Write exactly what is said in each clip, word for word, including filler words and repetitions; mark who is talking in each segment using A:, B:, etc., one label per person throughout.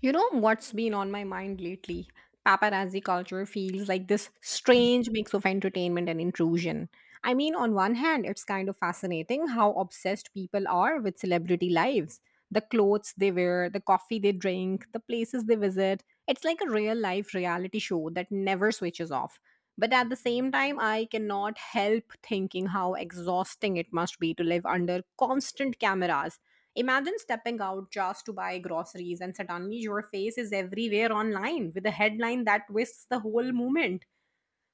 A: You know what's been on my mind lately? Paparazzi culture feels like this strange mix of entertainment and intrusion. I mean, on one hand, it's kind of fascinating how obsessed people are with celebrity lives. The clothes they wear, the coffee they drink, the places they visit. It's like a real life reality show that never switches off. But at the same time, I cannot help thinking how exhausting it must be to live under constant cameras. Imagine stepping out just to buy groceries and suddenly your face is everywhere online with a headline that twists the whole movement.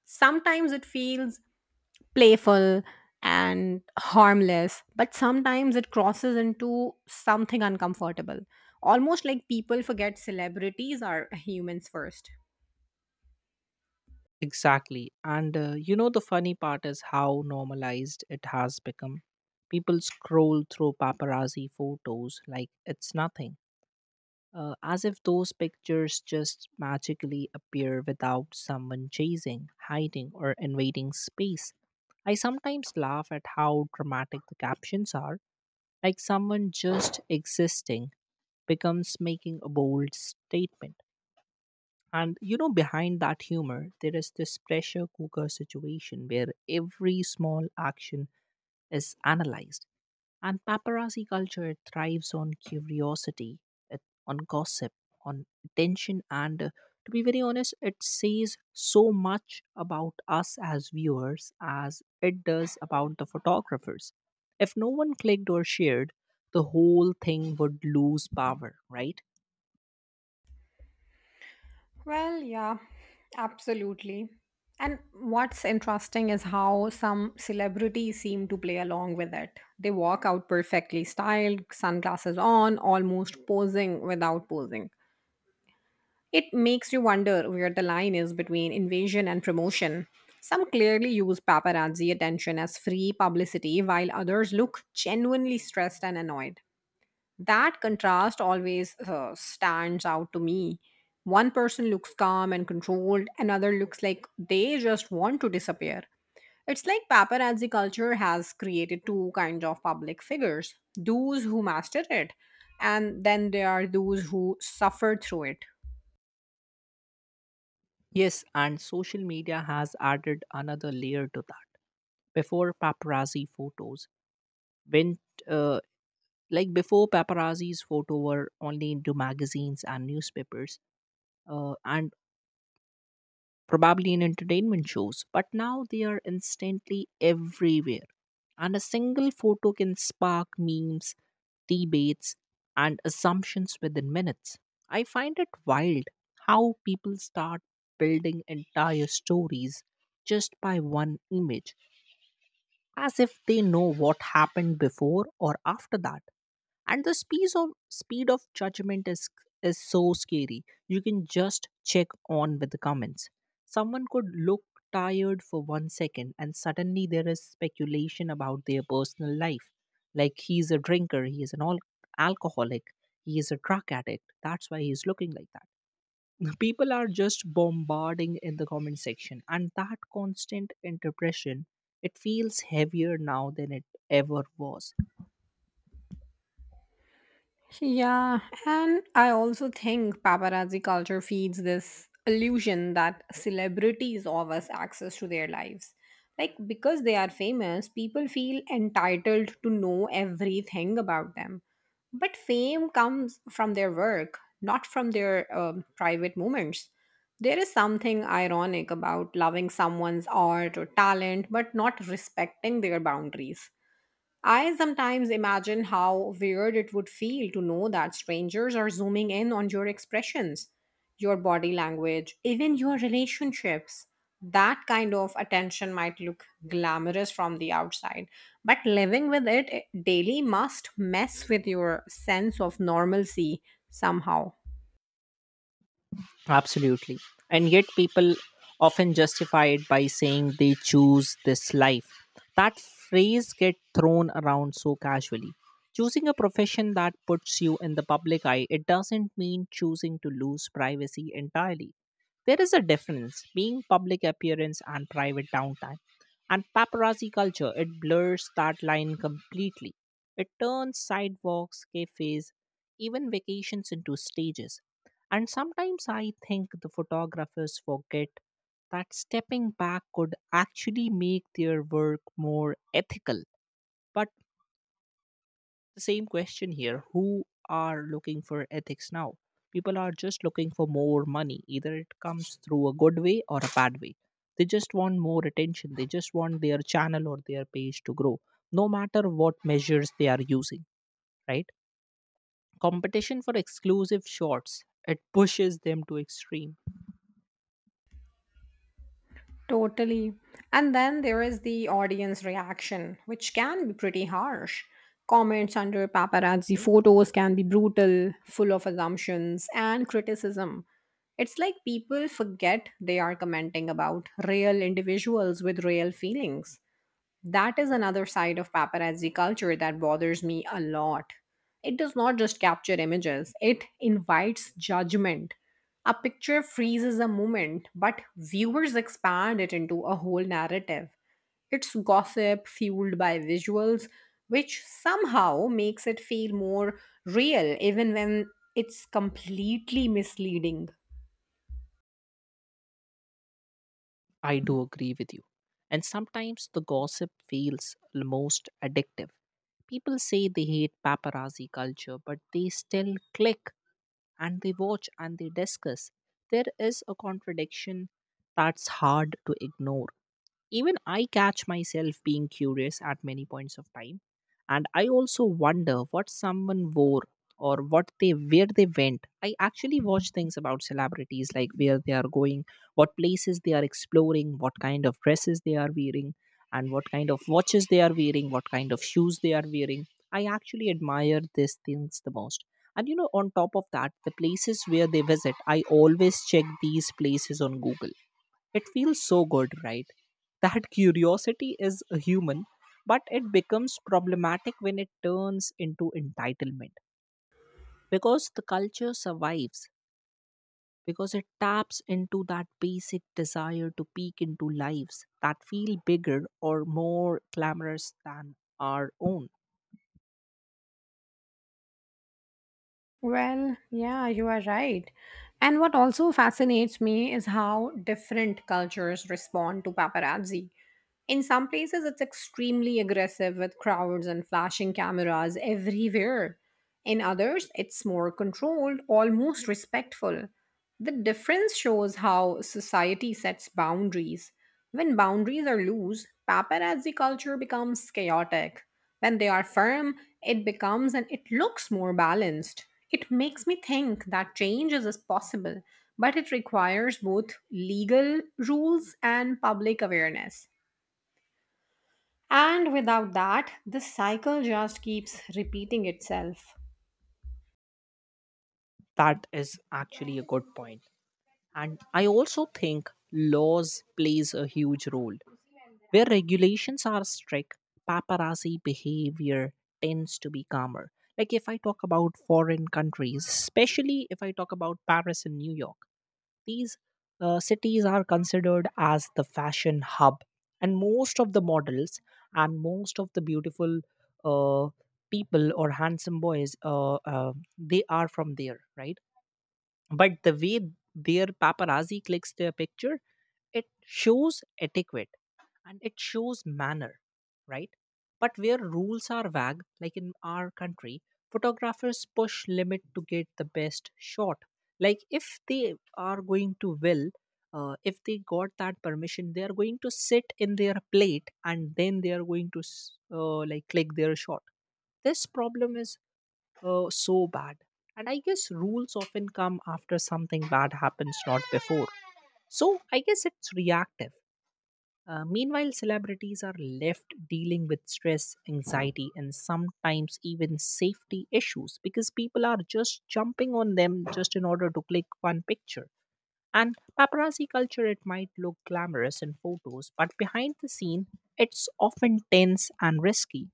A: Sometimes it feels playful and harmless, but sometimes it crosses into something uncomfortable. Almost like people forget celebrities are humans first.
B: Exactly. And uh, you know, the funny part is how normalized it has become. People scroll through paparazzi photos like it's nothing, uh, as if those pictures just magically appear without someone chasing, hiding, or invading space. I sometimes laugh at how dramatic the captions are, like someone just existing becomes making a bold statement. And you know, behind that humor, there is this pressure cooker situation where every small action is analyzed. And paparazzi culture thrives on curiosity, it- on gossip, on attention, and uh, to be very honest, it says so much about us as viewers as it does about the photographers. If no one clicked or shared, the whole thing would lose power, right?
A: Well, yeah, absolutely. And what's interesting is how some celebrities seem to play along with it. They walk out perfectly styled, sunglasses on, almost posing without posing. It makes you wonder where the line is between invasion and promotion. Some clearly use paparazzi attention as free publicity, while others look genuinely stressed and annoyed. That contrast always uh, stands out to me. One person looks calm and controlled, another looks like they just want to disappear. It's like paparazzi culture has created two kinds of public figures, those who mastered it, and then there are those who suffer through it.
B: Yes, and social media has added another layer to that. Before paparazzi photos went, uh, like before paparazzi's photo were only into magazines and newspapers, uh, and probably in entertainment shows, but now they are instantly everywhere. And a single photo can spark memes, debates, and assumptions within minutes. I find it wild how people start building entire stories just by one image, as if they know what happened before or after that. And the speed of speed of judgment is is so scary. You can just check on with the comments. Someone could look tired for one second, and suddenly there is speculation about their personal life, like he's a drinker, he is an al- alcoholic, he is a drug addict, that's why he's looking like that. People are just bombarding in the comment section, and that constant interpretation, it feels heavier now than it ever was.
A: Yeah, and I also think paparazzi culture feeds this illusion that celebrities offer us access to their lives. Like, because they are famous, people feel entitled to know everything about them. But fame comes from their work, not from their um private moments. There is something ironic about loving someone's art or talent, but not respecting their boundaries. I sometimes imagine how weird it would feel to know that strangers are zooming in on your expressions, your body language, even your relationships. That kind of attention might look glamorous from the outside, but living with it daily must mess with your sense of normalcy somehow.
B: Absolutely. And yet, people often justify it by saying they choose this life. That phrase gets thrown around so casually. Choosing a profession that puts you in the public eye, it doesn't mean choosing to lose privacy entirely. There is a difference being public appearance and private downtime. And paparazzi culture, it blurs that line completely. It turns sidewalks, cafes, even vacations into stages, and sometimes I think the photographers forget that stepping back could actually make their work more ethical. But the same question here, who are looking for ethics now? People are just looking for more money. Either it comes through a good way or a bad way. They just want more attention. They just want their channel or their page to grow, no matter what measures they are using, right? Competition for exclusive shots, it pushes them to extreme.
A: Totally. And then there is the audience reaction, which can be pretty harsh. Comments under paparazzi photos can be brutal, full of assumptions and criticism. It's like people forget they are commenting about real individuals with real feelings. That is another side of paparazzi culture that bothers me a lot. It does not just capture images, it invites judgment. A picture freezes a moment, but viewers expand it into a whole narrative. It's gossip fueled by visuals, which somehow makes it feel more real, even when it's completely misleading.
B: I do agree with you. And sometimes the gossip feels l- most addictive. People say they hate paparazzi culture, but they still click and they watch and they discuss. There is a contradiction that's hard to ignore. Even I catch myself being curious at many points of time. And I also wonder what someone wore or what they where they went. I actually watch things about celebrities, like where they are going, what places they are exploring, what kind of dresses they are wearing, and what kind of watches they are wearing, what kind of shoes they are wearing. I actually admire these things the most. And you know, on top of that, the places where they visit, I always check these places on Google. It feels so good, right? That curiosity is a human, but it becomes problematic when it turns into entitlement, because the culture survives because it taps into that basic desire to peek into lives that feel bigger or more glamorous than our own.
A: Well, yeah, you are right. And what also fascinates me is how different cultures respond to paparazzi. In some places, it's extremely aggressive with crowds and flashing cameras everywhere. In others, it's more controlled, almost respectful. The difference shows how society sets boundaries. When boundaries are loose, paparazzi culture becomes chaotic. When they are firm, it becomes and it looks more balanced. It makes me think that change is is possible, but it requires both legal rules and public awareness. And without that, this cycle just keeps repeating itself.
B: That is actually a good point. And I also think laws plays a huge role. Where regulations are strict, paparazzi behavior tends to be calmer. Like if I talk about foreign countries, especially if I talk about Paris and New York, these uh, cities are considered as the fashion hub, and most of the models and most of the beautiful uh, people or handsome boys, uh, uh, they are from there, right? But the way their paparazzi clicks their picture, it shows etiquette and it shows manner, right? But where rules are vague, like in our country, photographers push limit to get the best shot. Like if they are going to will, uh, if they got that permission, they are going to sit in their plate and then they are going to s- uh, like click their shot. This problem is uh, so bad, and I guess rules often come after something bad happens, not before. So I guess it's reactive, uh, meanwhile, celebrities are left dealing with stress, anxiety, and sometimes even safety issues, because people are just jumping on them just in order to click one picture. And paparazzi culture, it might look glamorous in photos, but behind the scene, it's often tense and risky.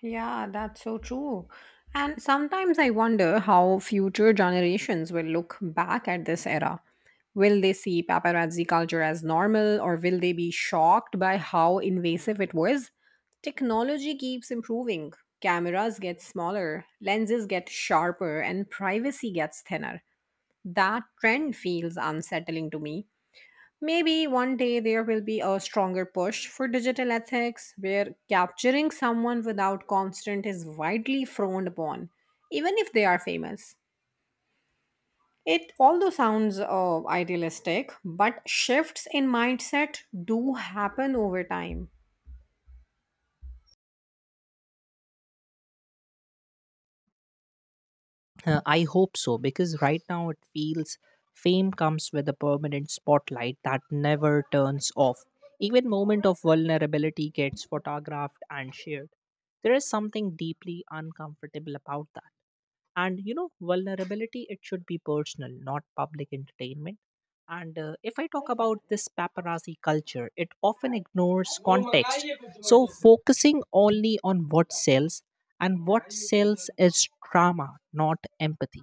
A: Yeah, that's so true. And sometimes I wonder how future generations will look back at this era. Will they see paparazzi culture as normal or will they be shocked by how invasive it was? Technology keeps improving. Cameras get smaller, lenses get sharper, and privacy gets thinner. That trend feels unsettling to me. Maybe one day there will be a stronger push for digital ethics where capturing someone without consent is widely frowned upon, even if they are famous. It although sounds uh, idealistic, but shifts in mindset do happen over time.
B: Uh, I hope so, because right now it feels fame comes with a permanent spotlight that never turns off. Even moment of vulnerability gets photographed and shared. There is something deeply uncomfortable about that. And you know, vulnerability, it should be personal, not public entertainment. And uh, if I talk about this paparazzi culture, it often ignores context. So focusing only on what sells, and what sells is drama, not empathy.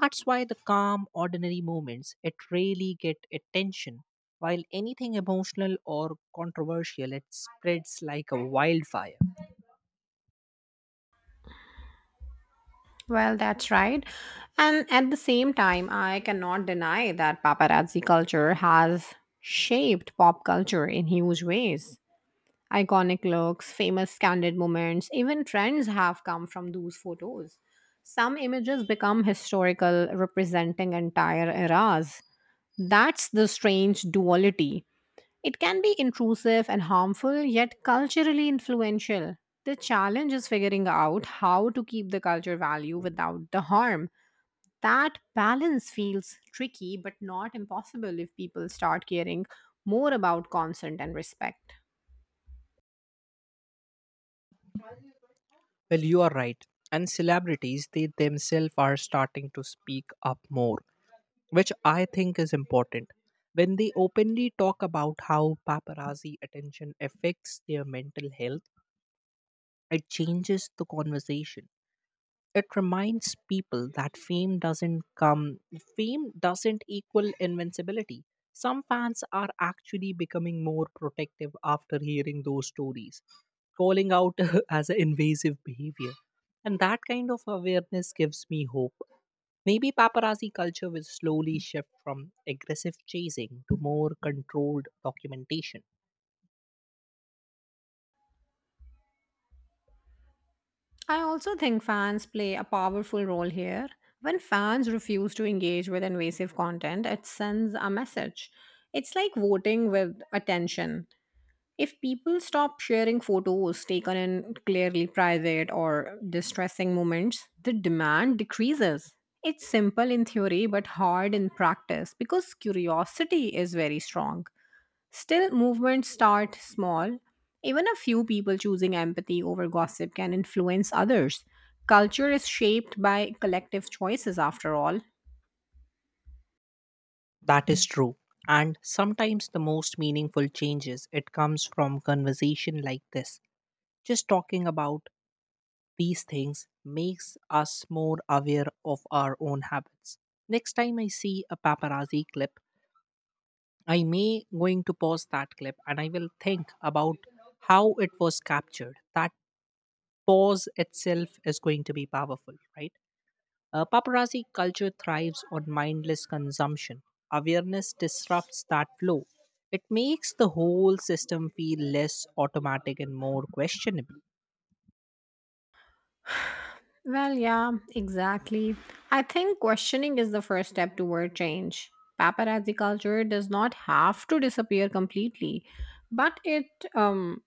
B: That's why the calm, ordinary moments, it really get attention. While anything emotional or controversial, it spreads like a wildfire.
A: Well, that's right. And at the same time, I cannot deny that paparazzi culture has shaped pop culture in huge ways. Iconic looks, famous candid moments, even trends have come from those photos. Some images become historical, representing entire eras. That's the strange duality. It can be intrusive and harmful, yet culturally influential. The challenge is figuring out how to keep the culture value without the harm. That balance feels tricky, but not impossible if people start caring more about consent and respect.
B: Well, you are right. And celebrities, they themselves are starting to speak up more, which I think is important. When they openly talk about how paparazzi attention affects their mental health, it changes the conversation. It reminds people that fame doesn't come, fame doesn't equal invincibility. Some fans are actually becoming more protective after hearing those stories, calling out as an invasive behavior. And that kind of awareness gives me hope. Maybe paparazzi culture will slowly shift from aggressive chasing to more controlled documentation.
A: I also think fans play a powerful role here. When fans refuse to engage with invasive content, it sends a message. It's like voting with attention. If people stop sharing photos taken in clearly private or distressing moments, the demand decreases. It's simple in theory but hard in practice because curiosity is very strong. Still, movements start small. Even a few people choosing empathy over gossip can influence others. Culture is shaped by collective choices, after all.
B: That is true. And sometimes the most meaningful changes, it comes from conversation like this. Just talking about these things makes us more aware of our own habits. Next time I see a paparazzi clip, I may going to pause that clip and I will think about how it was captured. That pause itself is going to be powerful, right? Uh, paparazzi culture thrives on mindless consumption. Awareness disrupts that flow. It makes the whole system feel less automatic and more questionable.
A: Well, yeah, exactly. I think questioning is the first step toward change. Paparazzi culture does not have to disappear completely, but it um,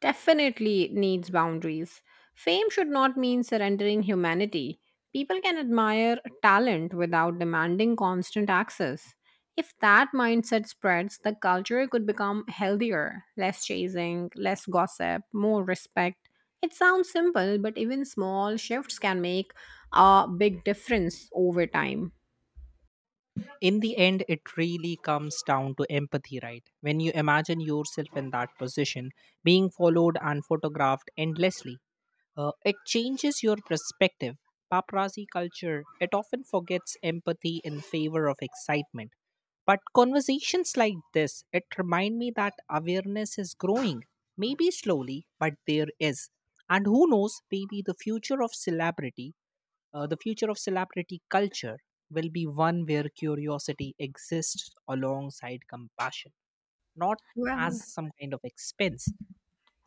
A: definitely needs boundaries. Fame should not mean surrendering humanity. People can admire talent without demanding constant access. If that mindset spreads, the culture could become healthier, less chasing, less gossip, more respect. It sounds simple, but even small shifts can make a big difference over time.
B: In the end, it really comes down to empathy, right? When you imagine yourself in that position, being followed and photographed endlessly, uh, it changes your perspective. Paparazzi culture, it often forgets empathy in favor of excitement, but conversations like this, it remind me that awareness is growing, maybe slowly, but there is. And who knows, maybe the future of celebrity, uh, the future of celebrity culture will be one where curiosity exists alongside compassion, not
A: Well,
B: as some kind of expense.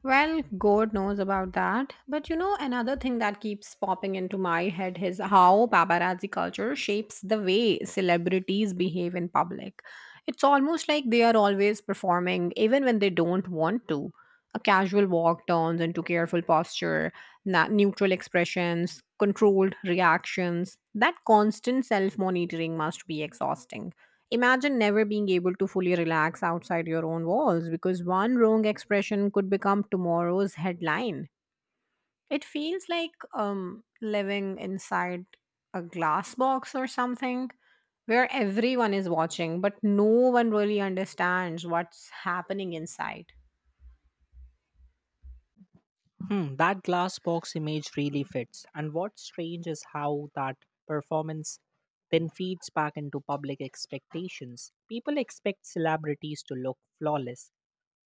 A: well, God knows about that. But you know, another thing that keeps popping into my head is how paparazzi culture shapes the way celebrities behave in public. It's almost like they are always performing, even when they don't want to. A casual walk turns into careful posture, na- neutral expressions, controlled reactions. That constant self monitoring must be exhausting. Imagine never being able to fully relax outside your own walls because one wrong expression could become tomorrow's headline. It feels like um, living inside a glass box or something where everyone is watching, but no one really understands what's happening inside.
B: Hmm, that glass box image really fits. And what's strange is how that performance then feeds back into public expectations. People expect celebrities to look flawless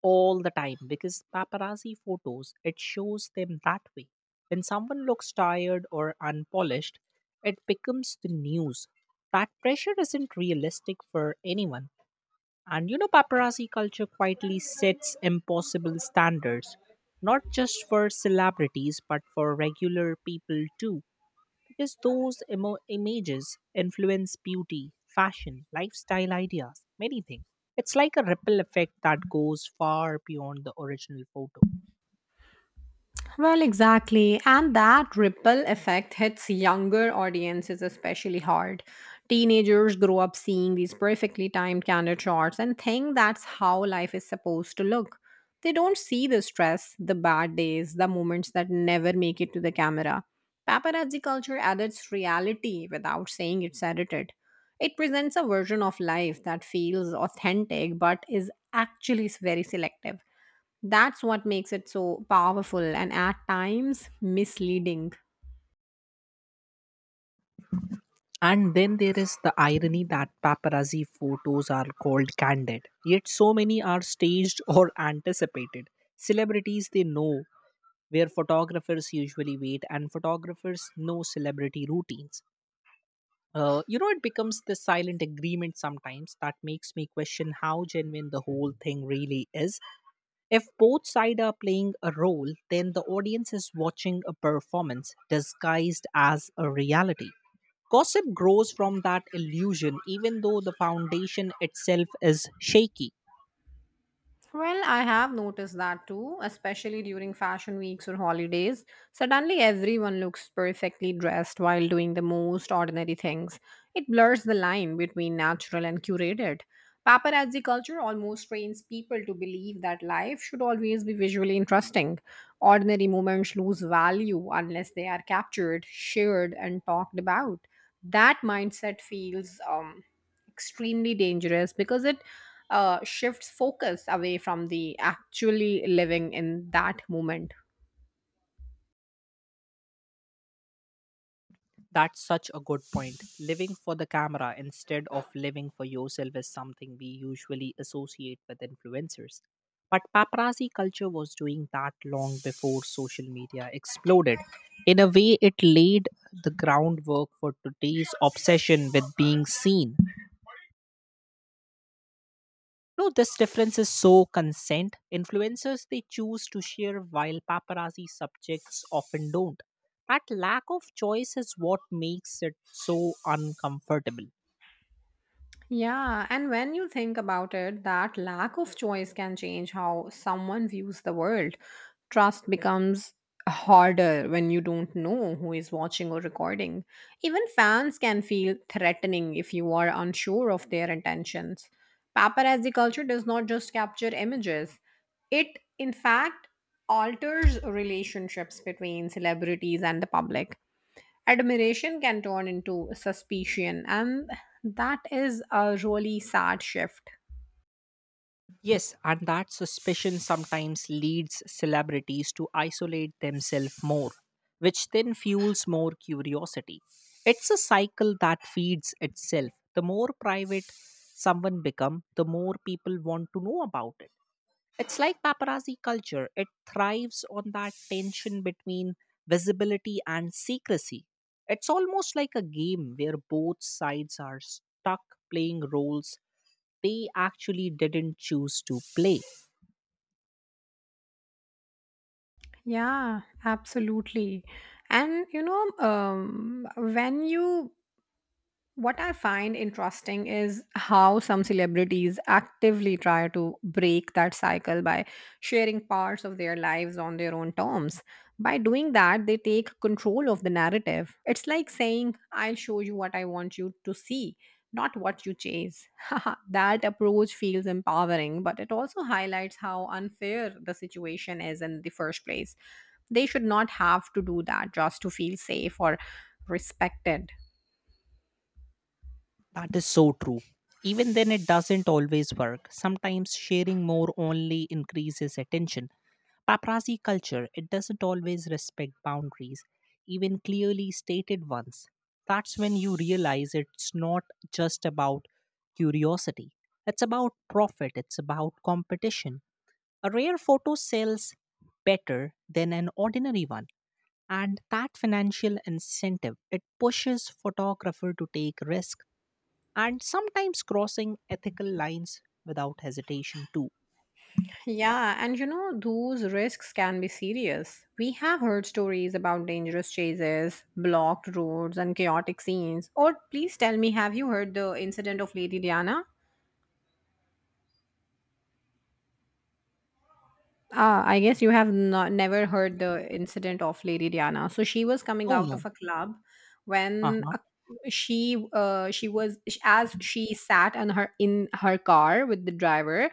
B: all the time, because paparazzi photos, it shows them that way. When someone looks tired or unpolished, it becomes the news. That pressure isn't realistic for anyone. And you know paparazzi culture quietly sets impossible standards, not just for celebrities but for regular people too, because those emo- images influence beauty, fashion, lifestyle ideas, many things. It's like a ripple effect that goes far beyond the original photo.
A: Well, exactly. And that ripple effect hits younger audiences especially hard. Teenagers grow up seeing these perfectly timed candid shots and think that's how life is supposed to look. They don't see the stress, the bad days, the moments that never make it to the camera. Paparazzi culture adds reality without saying it's edited. It presents a version of life that feels authentic but is actually very selective. That's what makes it so powerful and at times misleading.
B: And then there is the irony that paparazzi photos are called candid, yet so many are staged or anticipated. Celebrities, they know where photographers usually wait, and photographers know celebrity routines. uh, you know it becomes this silent agreement sometimes that makes me question how genuine the whole thing really is. If both sides are playing a role, then the audience is watching a performance disguised as a reality. Gossip grows from that illusion, even though the foundation itself is shaky.
A: Well, I have noticed that too, especially during fashion weeks or holidays. Suddenly, everyone looks perfectly dressed while doing the most ordinary things. It blurs the line between natural and curated. Paparazzi culture almost trains people to believe that life should always be visually interesting. Ordinary moments lose value unless they are captured, shared, and talked about. That mindset feels um, extremely dangerous because it uh, shifts focus away from the actually living in that moment.
B: That's such a good point. Living for the camera instead of living for yourself is something we usually associate with influencers. But paparazzi culture was doing that long before social media exploded. In a way, it laid the groundwork for today's obsession with being seen. No, this difference is so consent. Influencers, they choose to share, while paparazzi subjects often don't. That lack of choice is what makes it so uncomfortable.
A: Yeah, and when you think about it, that lack of choice can change how someone views the world. Trust becomes harder when you don't know who is watching or recording. Even fans can feel threatening if you are unsure of their intentions. Paparazzi culture does not just capture images, it in fact alters relationships between celebrities and the public. Admiration can turn into suspicion, and that is a really sad shift.
B: Yes, and that suspicion sometimes leads celebrities to isolate themselves more, which then fuels more curiosity. It's a cycle that feeds itself. The more private someone become, the more people want to know about it. It's like paparazzi culture. It thrives on that tension between visibility and secrecy. It's almost like a game where both sides are stuck playing roles they actually didn't choose to play.
A: Yeah, absolutely. And you know um, when you What I find interesting is how some celebrities actively try to break that cycle by sharing parts of their lives on their own terms. By doing that, they take control of the narrative. It's like saying, I'll show you what I want you to see, not what you chase. That approach feels empowering, but it also highlights how unfair the situation is in the first place. They should not have to do that just to feel safe or respected.
B: That is so true. Even then, it doesn't always work. Sometimes sharing more only increases attention. Paparazzi culture, it doesn't always respect boundaries, even clearly stated ones. That's when you realize it's not just about curiosity, it's about profit, it's about competition. A rare photo sells better than an ordinary one, and that financial incentive, it pushes photographer to take risk and sometimes crossing ethical lines without hesitation too.
A: Yeah, and you know, those risks can be serious. We have heard stories about dangerous chases, blocked roads, and chaotic scenes. Or please tell me, have you heard the incident of Lady Diana? Ah, I guess you have not never heard the incident of Lady Diana. So she was coming
B: No,
A: out
B: no.
A: of a club when
B: Uh-huh.
A: a, she uh, she was as she sat on her in her car with the driver.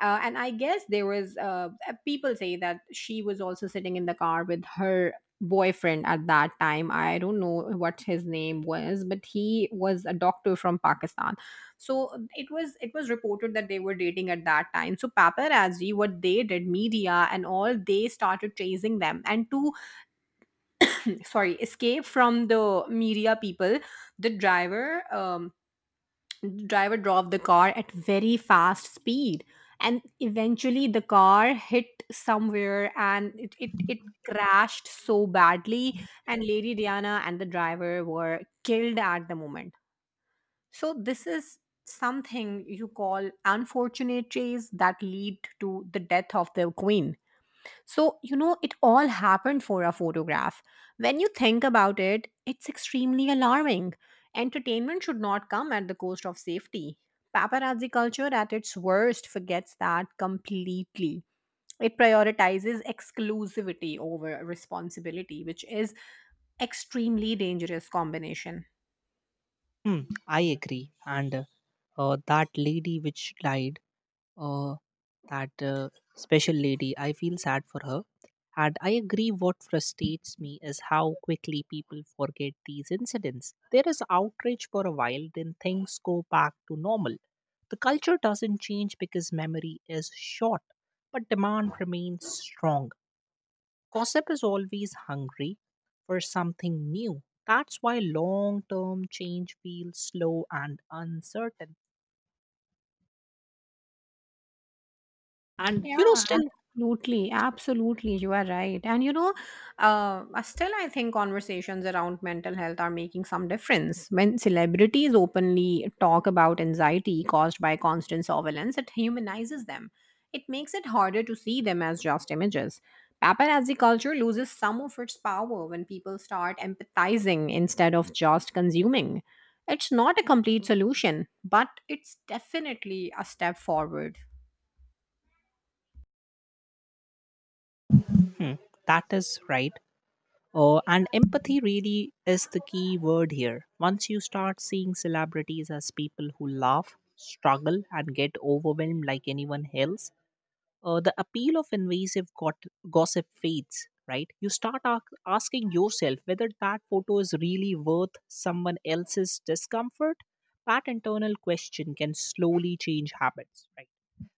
A: Uh, and I guess there was uh, uh, people say that she was also sitting in the car with her boyfriend at that time. I don't know what his name was, but he was a doctor from Pakistan. So uh, it was it was reported that they were dating at that time. So paparazzi, what they did, media and all, they started chasing them, and to sorry, escape from the media people, the driver um, the driver drove the car at very fast speed, and eventually the car hit somewhere and it it, it crashed so badly, and Lady Diana and the driver were killed at the moment. So, this is something you call unfortunate traits that lead to the death of the queen. So, you know, it all happened for a photograph. When you think about it, it's extremely alarming. Entertainment should not come at the cost of safety. Paparazzi culture at its worst forgets that completely. It prioritizes exclusivity over responsibility, which is extremely dangerous combination.
B: Hmm, i agree, and uh, uh, that lady which died, uh, that uh, special lady. I feel sad for her. And I agree, what frustrates me is how quickly people forget these incidents. There is outrage for a while, then things go back to normal. The culture doesn't change because memory is short, but demand remains strong. Gossip is always hungry for something new. That's why long term change feels slow and uncertain. And
A: Yeah,
B: you know, still,
A: absolutely. Absolutely. You are right. And you know, uh, uh, still, I think conversations around mental health are making some difference. When celebrities openly talk about anxiety caused by constant surveillance, it humanizes them. It makes it harder to see them as just images. Paparazzi culture loses some of its power when people start empathizing instead of just consuming. It's not a complete solution, but it's definitely a step forward.
B: Mhm, that is right. Uh, and empathy really is the key word here. Once you start seeing celebrities as people who laugh, struggle, and get overwhelmed like anyone else, uh, the appeal of invasive got- gossip fades, right? You start a- asking yourself whether that photo is really worth someone else's discomfort. That internal question can slowly change habits, right?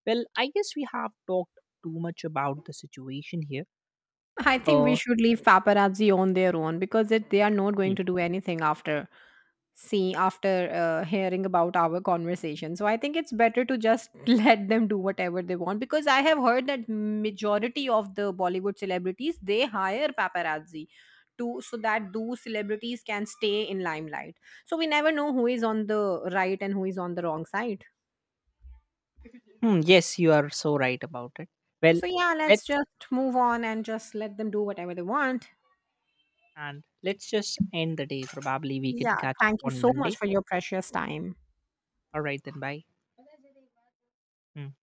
B: Well, I guess we have talked too much about the situation here.
A: I think we
B: Uh,
A: should leave paparazzi on their own because it, they are not going to do anything after, see, after uh, hearing about our conversation. So I think it's better to just let them do whatever they want, because I have heard that majority of the Bollywood celebrities they hire paparazzi to, so that those celebrities can stay in limelight. So we never know who is on the right and who is on the wrong side.
B: Hmm, yes, you are so right about it. Well,
A: So yeah, let's
B: let's
A: just move on and just let them do whatever they want.
B: and let's just end the day. Probably we can
A: Yeah,
B: catch up
A: thank you
B: on
A: so much
B: Monday.
A: for your precious time.
B: All right then. Bye. Hmm.